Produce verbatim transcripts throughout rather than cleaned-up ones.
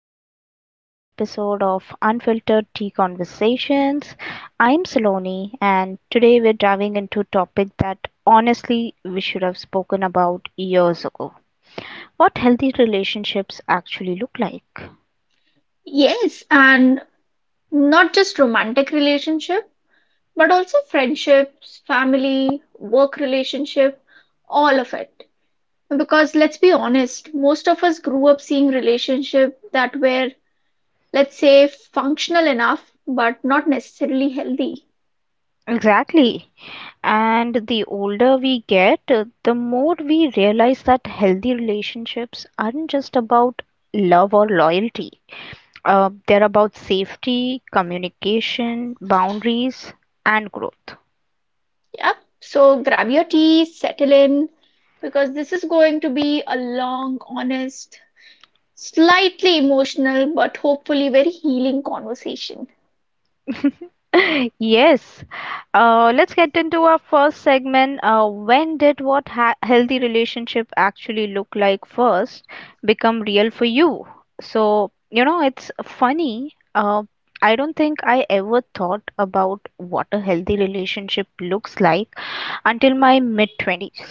back to another episode of Unfiltered Tea Conversations. I'm Saloni, and today we're diving into a topic that honestly we should have spoken about years ago, what healthy relationships actually look like. Yes, and not just romantic relationship, but also friendships, family, work relationship, all of it. Because let's be honest, most of us grew up seeing relationship that were, let's say, functional enough, but not necessarily healthy. Exactly. And the older we get, uh, the more we realize that healthy relationships aren't just about love or loyalty. Uh, they're about safety, communication, boundaries, and growth. Yeah. So grab your tea, settle in, because this is going to be a long, honest, slightly emotional, but hopefully very healing conversation. Yes. Uh, let's get into our first segment. Uh, when did what ha healthy relationship actually look like first become real for you? So, you know, it's funny. Uh, I don't think I ever thought about what a healthy relationship looks like until my mid-twenties.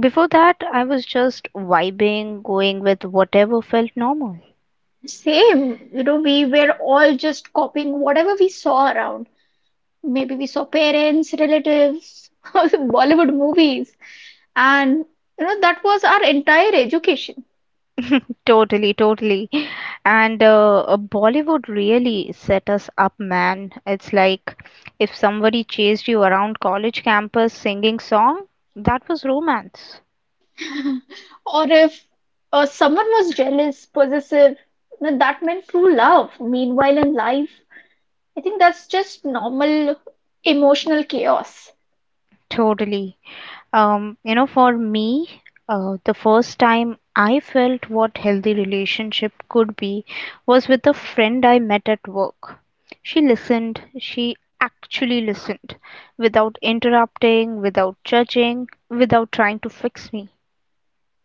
Before that, I was just vibing, going with whatever felt normal. Same, you know, we were all just copying whatever we saw around. Maybe we saw parents, relatives, Bollywood movies, and you know, that was our entire education. Totally, totally. And uh, uh, Bollywood really set us up, man. It's like if somebody chased you around college campus singing song, that was romance. Or if uh, someone was jealous, possessive, you know, that meant true love. Meanwhile, in life, I think that's just normal emotional chaos. Totally. Um, you know, for me, uh, the first time I felt what healthy relationship could be was with a friend I met at work. She listened, she actually listened without interrupting, without judging, without trying to fix me.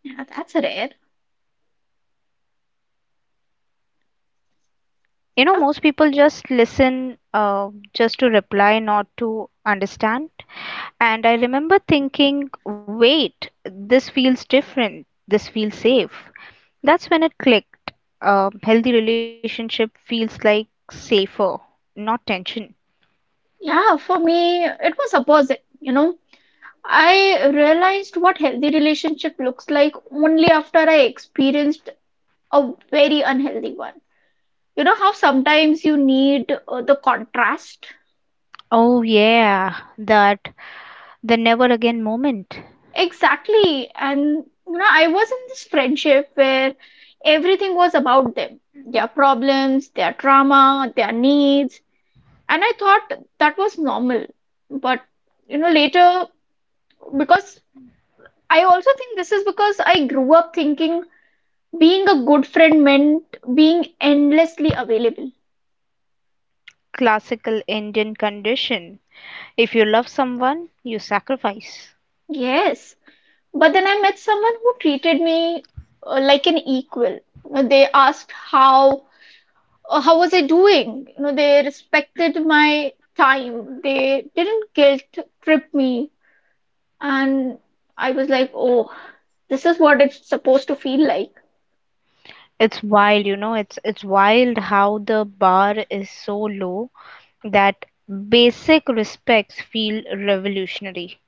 Yeah, that's rare. You know, Uh, most people just listen uh, just to reply, not to understand. And I remember thinking, wait, this feels different. This feels safe. That's when it clicked. A healthy relationship feels like safer, not tension. Yeah, for me, it was opposite, you know. I realized what healthy relationship looks like only after I experienced a very unhealthy one. You know how sometimes you need uh, the contrast? Oh, yeah, that the never again moment. Exactly. And you know, I was in this friendship where everything was about them, their problems, their trauma, their needs. And I thought that was normal. But you know, later, because I also think this is because I grew up thinking being a good friend meant being endlessly available. Classical Indian condition. If you love someone, you sacrifice. Yes. But then I met someone who treated me uh, like an equal. You know, they asked how uh, how was I doing? You know, they respected my time. They didn't guilt trip me. And I was like, oh, this is what it's supposed to feel like. It's wild, you know, it's it's wild how the bar is so low that basic respects feel revolutionary.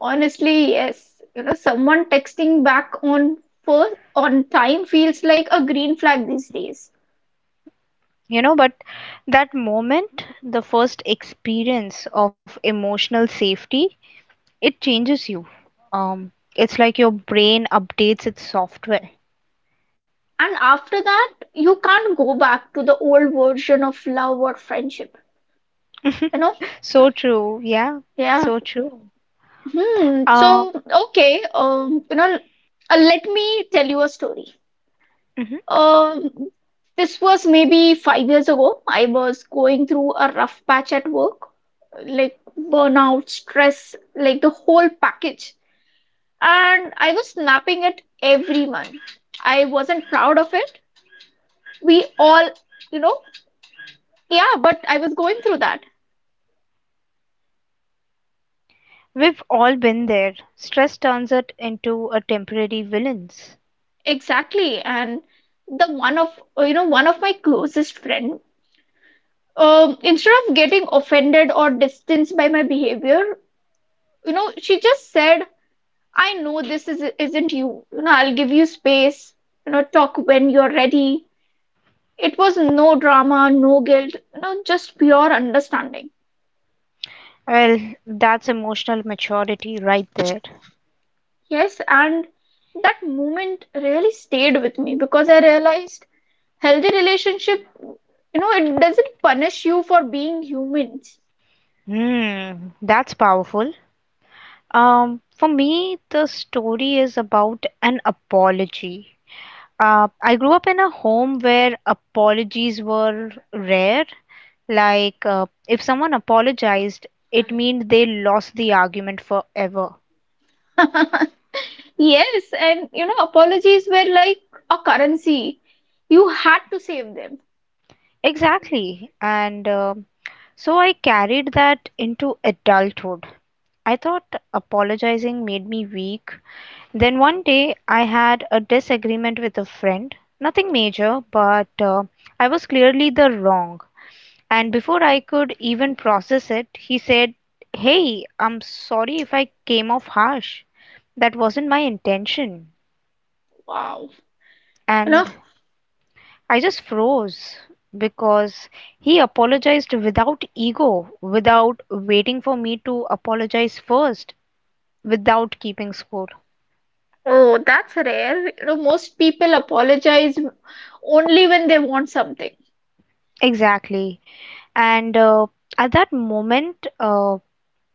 Honestly, yes. You know, someone texting back on first on time feels like a green flag these days. You know, but that moment, the first experience of emotional safety, it changes you. um it's like your brain updates its software. And after that, you can't go back to the old version of love or friendship, you know. So true, yeah, Yeah. so true. Hmm. So um okay, um you know, uh, let me tell you a story. mhm. um this was maybe five years ago. I was going through a rough patch at work, like burnout, stress, like the whole package. And I was snapping at everyone. I wasn't proud of it. We all You know, yeah, but I was going through that. We've all been there. Stress turns it into a temporary villains. Exactly. And the one of, you know, one of my closest friend, um, instead of getting offended or distanced by my behavior, you know, she just said, "I know this is, isn't you. You know, I'll give you space. You know, talk when you're ready." It was no drama, no guilt, you know, just pure understanding. Well, that's emotional maturity right there. Yes. And that moment really stayed with me because I realized healthy relationship, you know, it doesn't punish you for being humans. Hmm, that's powerful. Um, for me, the story is about an apology. Uh, I grew up in a home where apologies were rare. Like, uh, if someone apologized, it meant they lost the argument forever. Yes, and you know, apologies were like a currency. You had to save them. Exactly. And uh, so I carried that into adulthood. I thought apologizing made me weak. Then one day I had a disagreement with a friend. Nothing major, but uh, I was clearly the wrong. And before I could even process it, he said, "Hey, I'm sorry if I came off harsh. That wasn't my intention." Wow. You know, And I just froze because he apologized without ego, without waiting for me to apologize first, without keeping score. oh, that's rare. You know, most people apologize only when they want something. Exactly. And uh, at that moment, uh,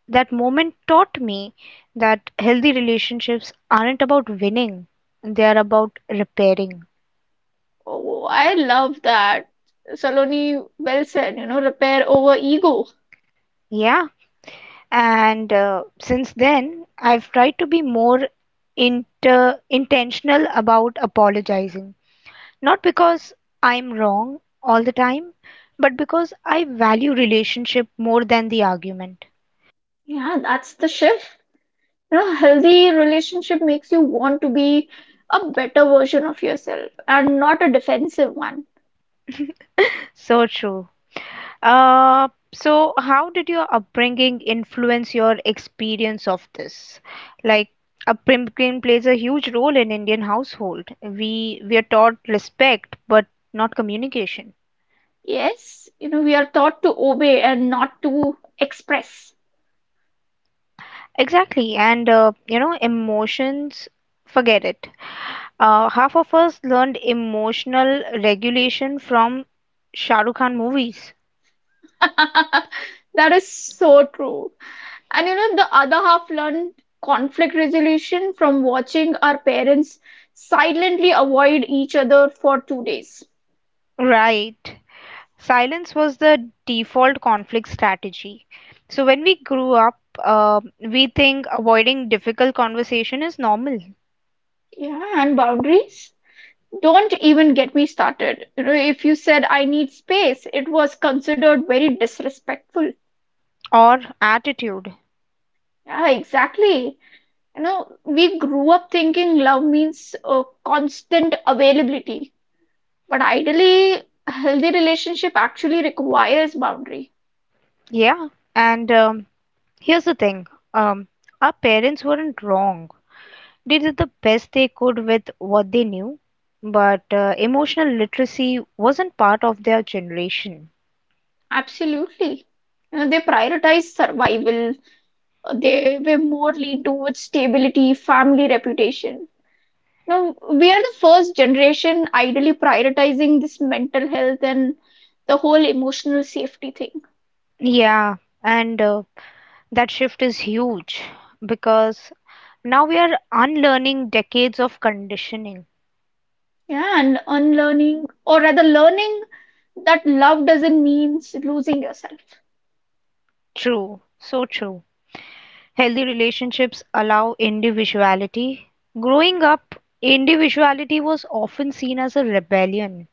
that moment taught me that healthy relationships aren't about winning, they are about repairing. Oh, I love that. Saloni, well said, you know, repair over ego. Yeah, and uh, since then, I've tried to be more inter intentional about apologizing. Not because I'm wrong all the time, but because I value relationship more than the argument. Yeah, that's the shift. You know, healthy relationship makes you want to be a better version of yourself and not a defensive one. So true. Uh, so how did your upbringing influence your experience of this? Like, upbringing plays a huge role in Indian household. We we are taught respect, but not communication. Yes, you know, we are taught to obey and not to express. Exactly, and uh, you know, emotions, forget it. Uh, half of us learned emotional regulation from Shah Rukh Khan movies. That is so true. And you know, the other half learned conflict resolution from watching our parents silently avoid each other for two days. Right. Silence was the default conflict strategy. So when we grew up, uh, we think avoiding difficult conversation is normal Yeah, and boundaries. Don't even get me started. You know, if you said I need space, it was considered very disrespectful. or attitude. Yeah, exactly. You know, we grew up thinking love means uh, constant availability. But ideally, a healthy relationship actually requires boundary. Yeah. And um, here's the thing, um, our parents weren't wrong. They did the best they could with what they knew, but uh, emotional literacy wasn't part of their generation. Absolutely. You know, they prioritize survival. They were more lean towards stability, family reputation. Now, we are the first generation ideally prioritizing this mental health and the whole emotional safety thing. Yeah, and uh, that shift is huge because now we are unlearning decades of conditioning. Yeah, and unlearning, or rather, learning that love doesn't mean losing yourself. True, so true. Healthy relationships allow individuality. Growing up, individuality was often seen as a rebellion.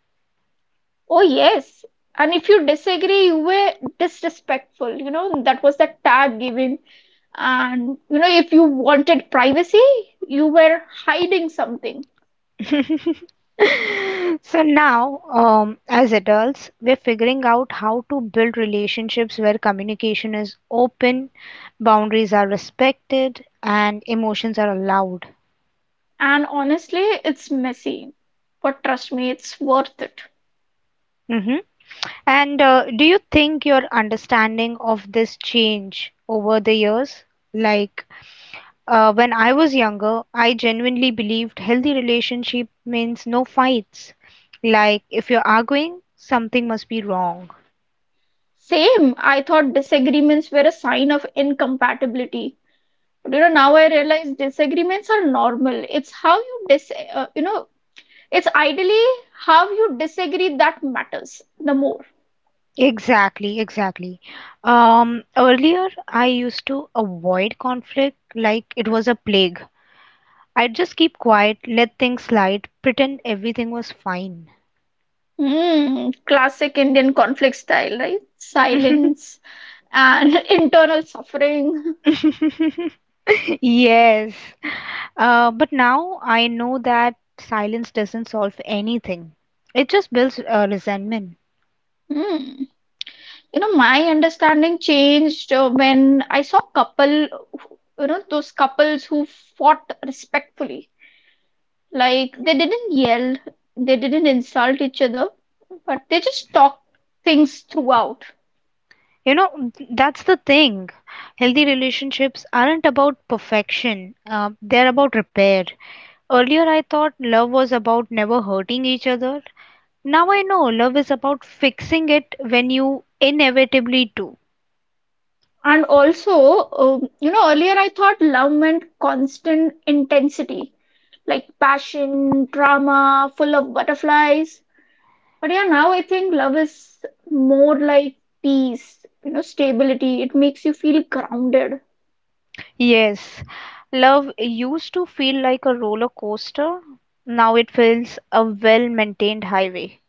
Oh, yes. And if you disagree, you were disrespectful. You know, that was the tag given. And, you know, if you wanted privacy, you were hiding something. So now, um, as adults, we're figuring out how to build relationships where communication is open, boundaries are respected, and emotions are allowed. And honestly, it's messy. But trust me, it's worth it. Hmm. And uh, do you think your understanding of this change over the years? Like, uh, when I was younger, I genuinely believed healthy relationship means no fights. Like if you're arguing, something must be wrong. Same, I thought disagreements were a sign of incompatibility. But, you know, now I realize disagreements are normal. It's how you dis, uh, you know, it's ideally how you disagree that matters the more. Exactly, exactly. Um, earlier, I used to avoid conflict like it was a plague. I'd just keep quiet, let things slide, pretend everything was fine. Mm, classic Indian conflict style, right? Silence and internal suffering. Yes. Uh, but now I know that silence doesn't solve anything. It just builds uh, resentment. Mm. You know, my understanding changed uh, when I saw couple, who- you know, those couples who fought respectfully. Like they didn't yell, they didn't insult each other, but they just talked things throughout. You know, that's the thing. Healthy relationships aren't about perfection, uh, they're about repair. Earlier, I thought love was about never hurting each other. Now I know love is about fixing it when you inevitably do. And also, um, you know, earlier I thought love meant constant intensity, like passion, drama, full of butterflies. But yeah, now I think love is more like peace, you know, stability. It makes you feel grounded. Yes, love used to feel like a roller coaster. Now it feels a well maintained highway.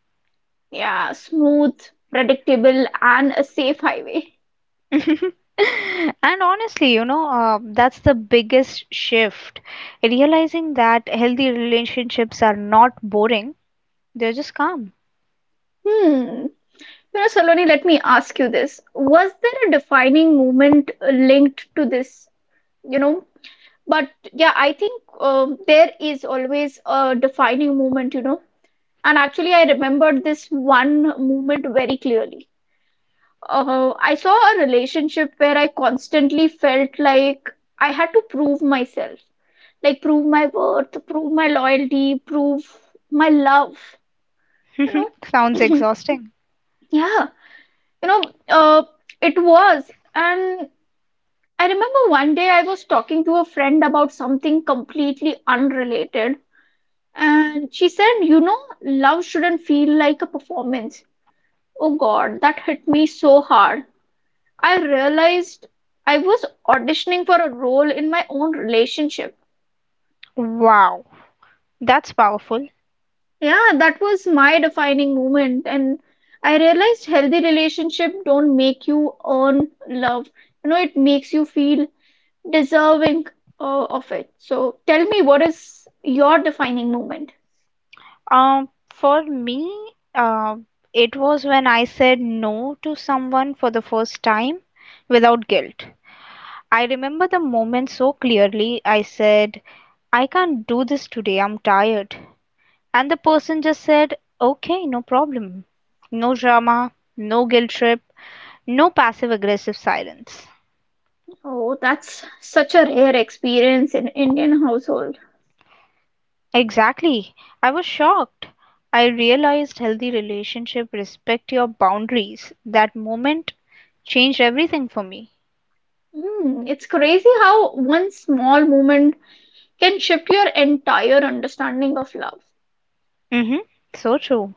Yeah, smooth, predictable, and a safe highway. And honestly, you know, uh, that's the biggest shift. Realizing that healthy relationships are not boring, they're just calm. Hmm. You know, Saloni, let me ask you this. Was there a defining moment uh, linked to this? You know, but yeah, I think um, there is always a defining moment, you know. And actually, I remembered this one moment very clearly. Uh, I saw a relationship where I constantly felt like I had to prove myself, like prove my worth, prove my loyalty, prove my love, you Sounds know. exhausting. Yeah, you know, uh, it was. And I remember one day I was talking to a friend about something completely unrelated. And she said, "You know, love shouldn't feel like a performance." Oh God, that hit me so hard. I realized I was auditioning for a role in my own relationship. Wow, that's powerful. Yeah, that was my defining moment. And I realized healthy relationship don't make you earn love. You know, it makes you feel deserving uh, of it. So tell me, what is your defining moment? Um, for me, uh, it was when I said no to someone for the first time without guilt. I remember the moment so clearly. I said, "I can't do this today, I'm tired." And the person just said, "Okay, no problem." No drama, no guilt trip, no passive aggressive silence. Oh, that's such a rare experience in Indian household. Exactly. I was shocked. I realized healthy relationship respect your boundaries. That moment changed everything for me. Mm, it's crazy how one small moment can shift your entire understanding of love. Mhm. So true.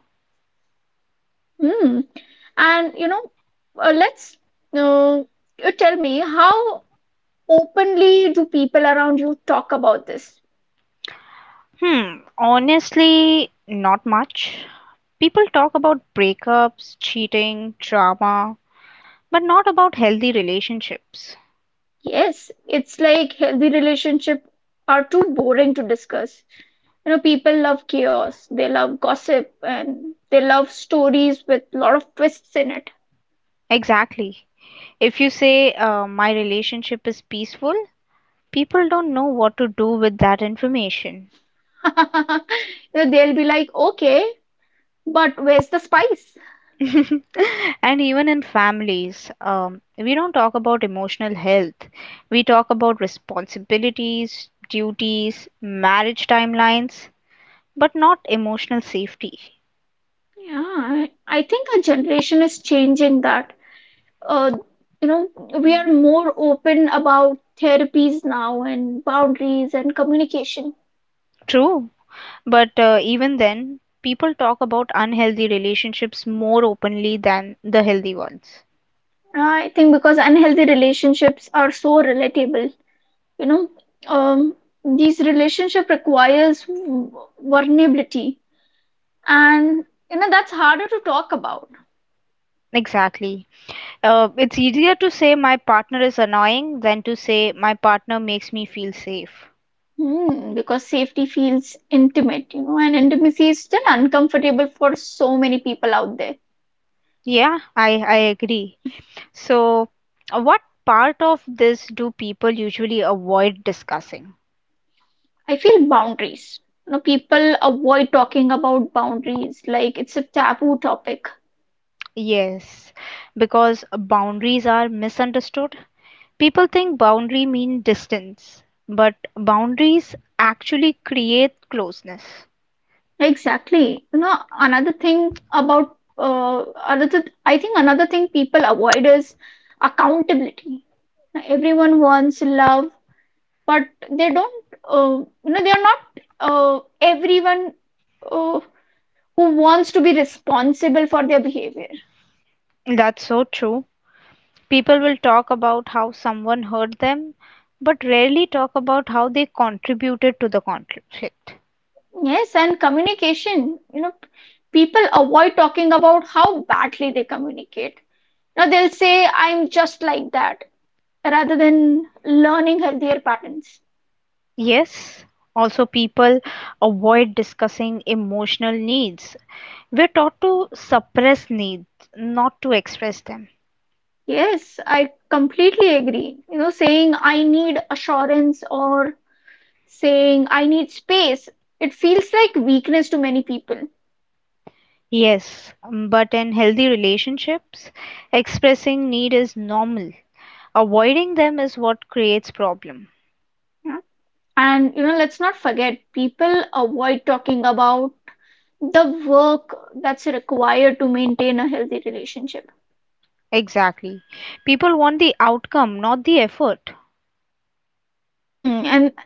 Mm. And you know, uh, let's uh, you tell me how openly do people around you talk about this? Hmm, honestly, not much. People talk about breakups, cheating, drama, but not about healthy relationships. Yes, it's like healthy relationship are too boring to discuss. You know, people love chaos, they love gossip, and they love stories with a lot of twists in it. Exactly. If you say uh, my relationship is peaceful, people don't know what to do with that information. You know, they'll be like, okay. But where's the spice? And even in families, um, we don't talk about emotional health. We talk about responsibilities, duties, marriage timelines, but not emotional safety. Yeah, I, I think our generation is changing that. Uh, you know, we are more open about therapies now and boundaries and communication. True. But uh, even then, people talk about unhealthy relationships more openly than the healthy ones. I think because unhealthy relationships are so relatable, you know, um, these relationship requires vulnerability, and you know that's harder to talk about. Exactly. Uh, it's easier to say my partner is annoying than to say my partner makes me feel safe. Hmm, because safety feels intimate, you know, and intimacy is still uncomfortable for so many people out there. Yeah, I, I agree. So, uh, what part of this do people usually avoid discussing? I feel boundaries. You know, people avoid talking about boundaries like it's a taboo topic. Yes, because boundaries are misunderstood. People think boundary mean distance, but boundaries actually create closeness. Exactly. You know, another thing about uh, another, I think, another thing people avoid is accountability. Now, everyone wants love, but they don't. Uh, you know, they are not uh, everyone uh, who wants to be responsible for their behavior. That's so true. People will talk about how someone hurt them, but rarely talk about how they contributed to the conflict. Yes, and communication. You know, people avoid talking about how badly they communicate. Now they'll say, "I'm just like that," rather than learning healthier patterns. Yes, also people avoid discussing emotional needs. We're taught to suppress needs, not to express them. Yes, I completely agree. You know, saying I need assurance or saying I need space, it feels like weakness to many people. Yes, but in healthy relationships, expressing need is normal. Avoiding them is what creates problem. Yeah. And, you know, let's not forget, people avoid talking about the work that's required to maintain a healthy relationship. Exactly. People want the outcome, not the effort. Hmm, and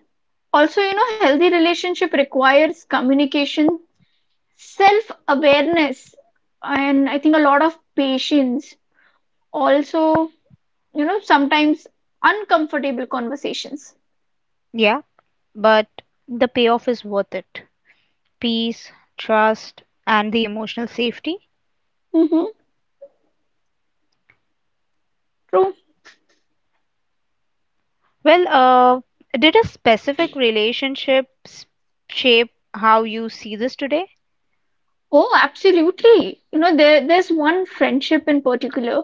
also, you know, healthy relationship requires communication, self-awareness, and I think a lot of patience. Also, you know, sometimes uncomfortable conversations. Yeah, but the payoff is worth it. Peace, trust, and the emotional safety. Mm-hmm, true. Well, uh, did a specific relationship s- shape how you see this today? Oh, absolutely. You know, there there's one friendship in particular.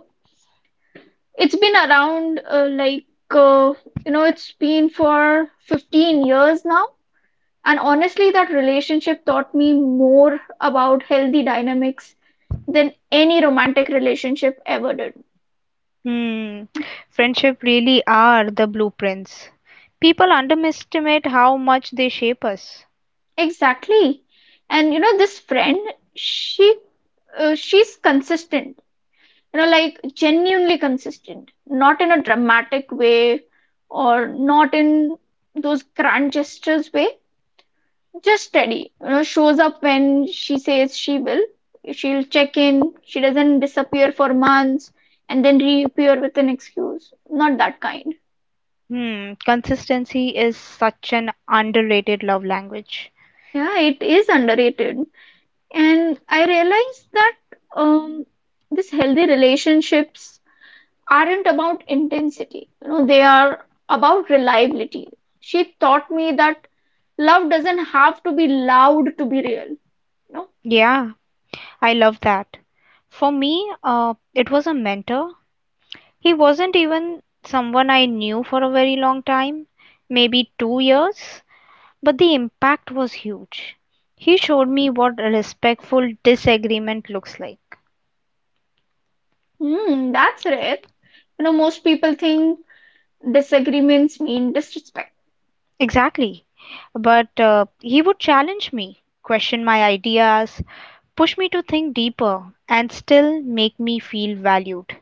It's been around uh, like uh, you know, it's been for fifteen years now. And honestly, that relationship taught me more about healthy dynamics than any romantic relationship ever did. Hmm, friendship really are the blueprints. People underestimate how much they shape us. Exactly. And you know, this friend, she uh, she's consistent. You know, like genuinely consistent, not in a dramatic way or not in those grand gestures way. Just steady. You know, shows up when she says she will. She'll check in. She doesn't disappear for months and then reappear with an excuse. Not that kind. Hmm, consistency is such an underrated love language. Yeah, it is underrated. And I realized that um, these healthy relationships aren't about intensity, you know, they are about reliability. She taught me that love doesn't have to be loud to be real. You know, Yeah, I love that. For me, uh, it was a mentor. He wasn't even someone I knew for a very long time, maybe two years, but the impact was huge. He showed me what a respectful disagreement looks like. hmm, that's rare. You know, most people think disagreements mean disrespect. Exactly. But uh, he would challenge me, question my ideas, push me to think deeper, and still make me feel valued.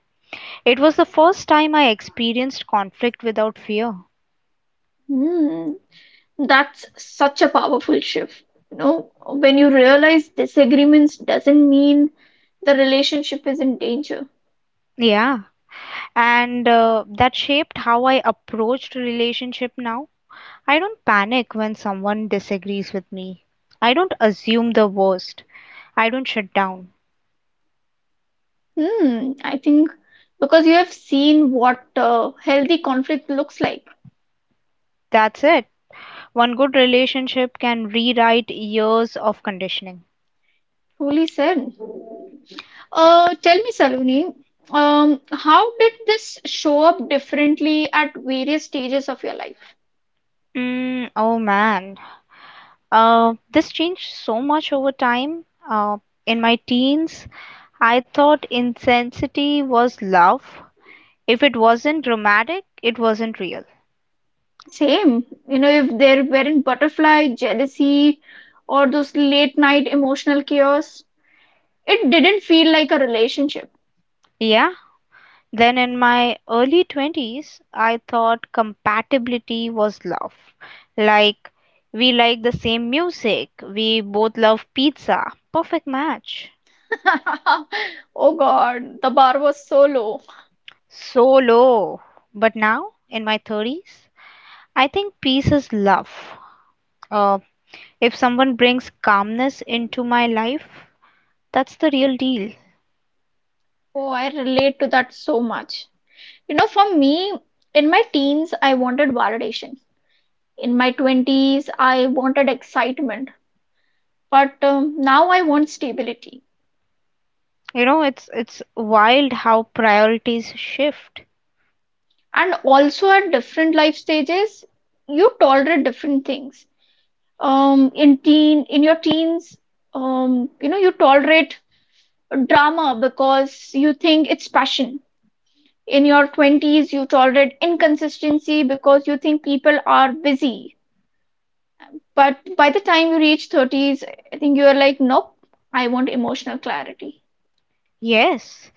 It was the first time I experienced conflict without fear. Hmm, that's such a powerful shift. You know, when you realize disagreements doesn't mean the relationship is in danger. Yeah. And uh, that shaped how I approached relationship now. I don't panic when someone disagrees with me. I don't assume the worst. I don't shut down. Hmm, I think because you have seen what uh, healthy conflict looks like. That's it. One good relationship can rewrite years of conditioning. Truly said. Uh, tell me, Saloni, um, how did this show up differently at various stages of your life? Mm, oh man, uh, this changed so much over time. Uh, in my teens, I thought intensity was love. If it wasn't dramatic, it wasn't real. Same, you know, if there weren't butterfly, jealousy, or those late night emotional chaos, it didn't feel like a relationship. Yeah. Then in my early twenties, I thought compatibility was love. Like, we like the same music, we both love pizza. Perfect match. Oh God, the bar was so low. So low. But now, in my thirties, I think peace is love Uh. If someone brings calmness into my life, that's the real deal. Oh, I relate to that so much. You know, for me, in my teens, I wanted validation. In my twenties, I wanted excitement. But um, now I want stability. You know, it's it's wild how priorities shift. And also at different life stages, you tolerate different things. Um, in teen, in your teens, um, you know, you tolerate drama because you think it's passion. In your twenties, you tolerate inconsistency because you think people are busy. But by the time you reach thirties, I think you are like, nope, I want emotional clarity. Yes,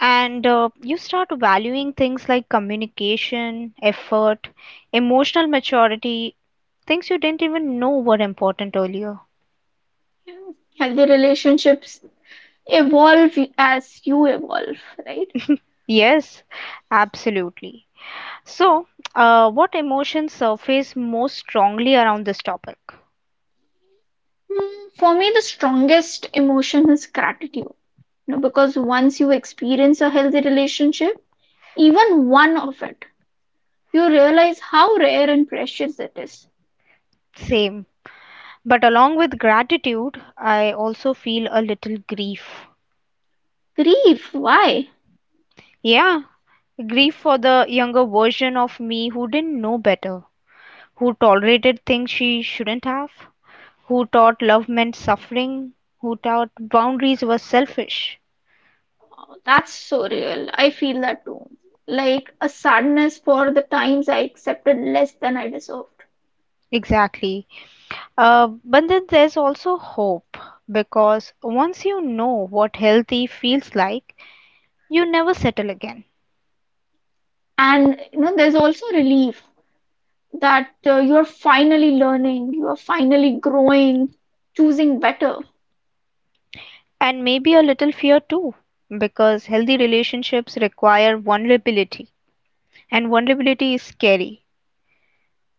and uh, you start valuing things like communication, effort, emotional maturity, things you didn't even know were important earlier. Yeah. Healthy relationships evolve as you evolve, right? Yes, absolutely. So, uh, what emotions surface most strongly around this topic? Hmm, for me, the strongest emotion is gratitude. You know, because once you experience a healthy relationship, even one of it, you realize how rare and precious it is. Same. But along with gratitude, I also feel a little grief. Grief, why? Yeah, grief for the younger version of me who didn't know better, who tolerated things she shouldn't have, who thought love meant suffering, who thought boundaries were selfish. Oh, that's so real. I feel that too. Like a sadness for the times I accepted less than I deserve. Exactly. Uh, but then there's also hope because once you know what healthy feels like, you never settle again. And you know, there's also relief that uh, you're finally learning, you are finally growing, choosing better. And maybe a little fear too, because healthy relationships require vulnerability. And vulnerability is scary.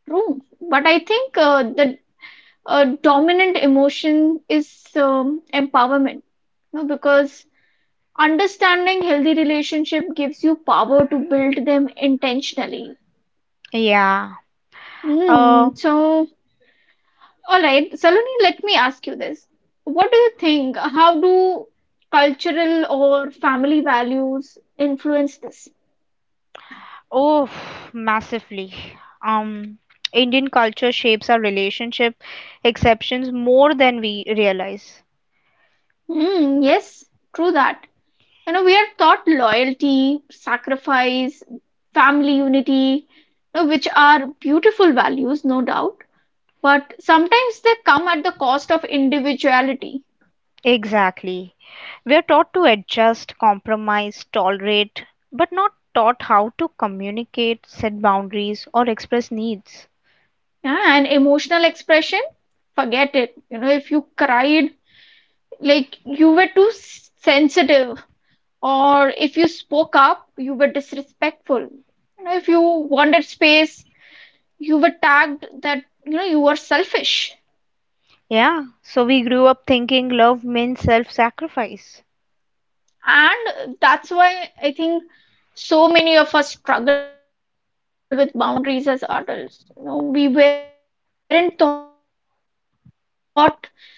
True, but I think uh, the uh, dominant emotion is um, empowerment, you know, because understanding healthy relationship gives you power to build them intentionally. Yeah. Hmm. Uh, So all right, Saloni, let me ask you this. What do you think, how do cultural or family values influence this? oh, massively. Um, Indian culture shapes our relationship exceptions more than we realize. Mm, yes, true that. You know, we are taught loyalty, sacrifice, family unity, you know, which are beautiful values, no doubt, but sometimes they come at the cost of individuality. Exactly. We are taught to adjust, compromise, tolerate, but not taught how to communicate, set boundaries, or express needs. Yeah, and emotional expression. Forget it. You know, if you cried, like you were too s- sensitive, or if you spoke up, you were disrespectful. You know, if you wanted space, you were tagged that, you know, you were selfish. Yeah, so we grew up thinking love means self sacrifice. And that's why I think so many of us struggle with boundaries as adults. You know, we weren't taught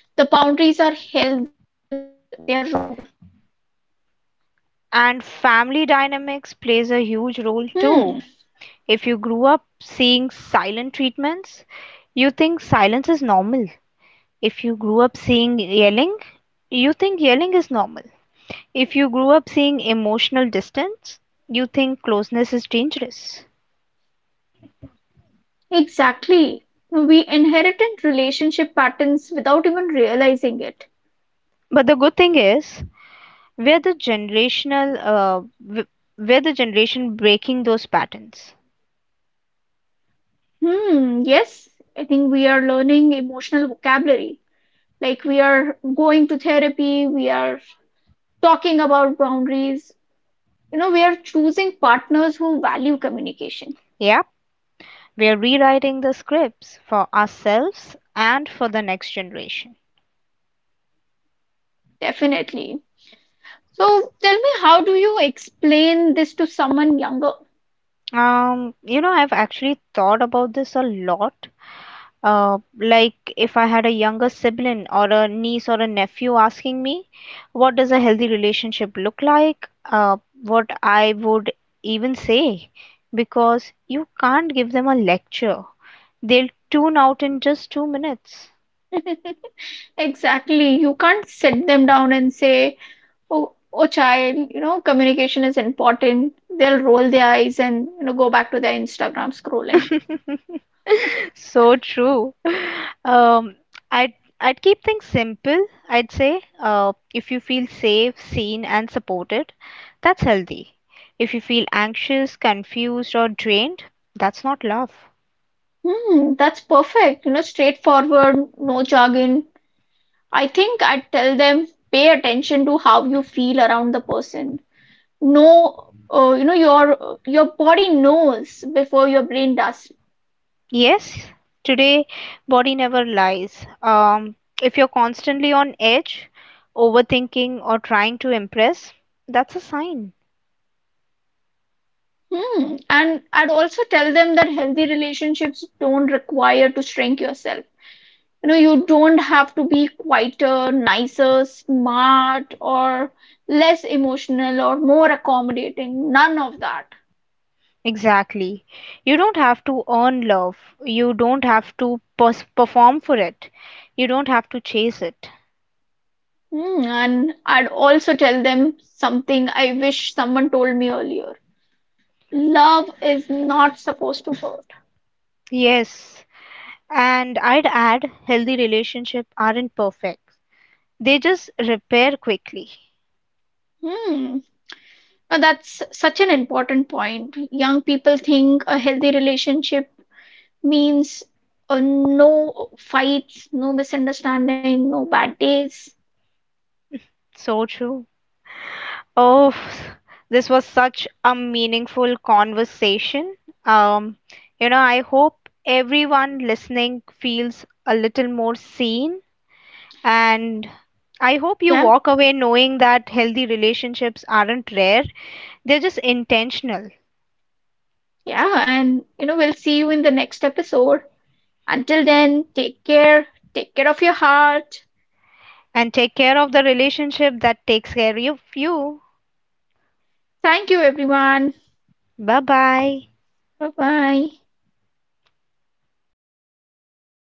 the boundaries are healthy. We were taught they are rude. And family dynamics plays a huge role too. Hmm, If you grew up seeing silent treatments, you think silence is normal. If you grew up seeing yelling, you think yelling is normal. If you grew up seeing emotional distance, you think closeness is dangerous. exactly. We inherited relationship patterns without even realizing it. But the good thing is, we're the generational, uh, we're the generation breaking those patterns. Hmm, yes, I think we are learning emotional vocabulary. Like we are going to therapy, we are talking about boundaries. You know, we are choosing partners who value communication. Yep, we're rewriting the scripts for ourselves and for the next generation. Definitely. So tell me, how do you explain this to someone younger? Um, you know, I've actually thought about this a lot. Uh, like if I had a younger sibling or a niece or a nephew asking me, what does a healthy relationship look like? Uh, what I would even say, because you can't give them a lecture. They'll tune out in just two minutes. Exactly. You can't sit them down and say, oh, oh, child, you know, communication is important. They'll roll their eyes and, you know, go back to their Instagram scrolling. So true. Um, I'd I'd keep things simple, I'd say. Uh, if you feel safe, seen, and supported, that's healthy. If you feel anxious, confused, or drained, that's not love. Hmm, that's perfect. You know, straightforward, no jargon. I think I tell them, pay attention to how you feel around the person. No, uh, you know, your your body knows before your brain does. Yes, today body never lies. Um, if you're constantly on edge, overthinking, or trying to impress, that's a sign. Hmm. And I'd also tell them that healthy relationships don't require to shrink yourself. You know, you don't have to be quieter, nicer, smart, or less emotional or more accommodating. None of that. Exactly. You don't have to earn love. You don't have to pers- perform for it. You don't have to chase it. Hmm. And I'd also tell them something I wish someone told me earlier. Love is not supposed to hurt. Yes. And I'd add healthy relationships aren't perfect, they just repair quickly. Hmm. Now that's such an important point. Young people think a healthy relationship means uh, no fights, no misunderstanding, no bad days. So true. Oh, this was such a meaningful conversation. Um, you know, I hope everyone listening feels a little more seen. And I hope you Yeah, walk away knowing that healthy relationships aren't rare, they're just intentional. yeah, and you know, we'll see you in the next episode. Until then, take care, take care of your heart. And take care of the relationship that takes care of you. Thank you, everyone. Bye bye. Bye bye.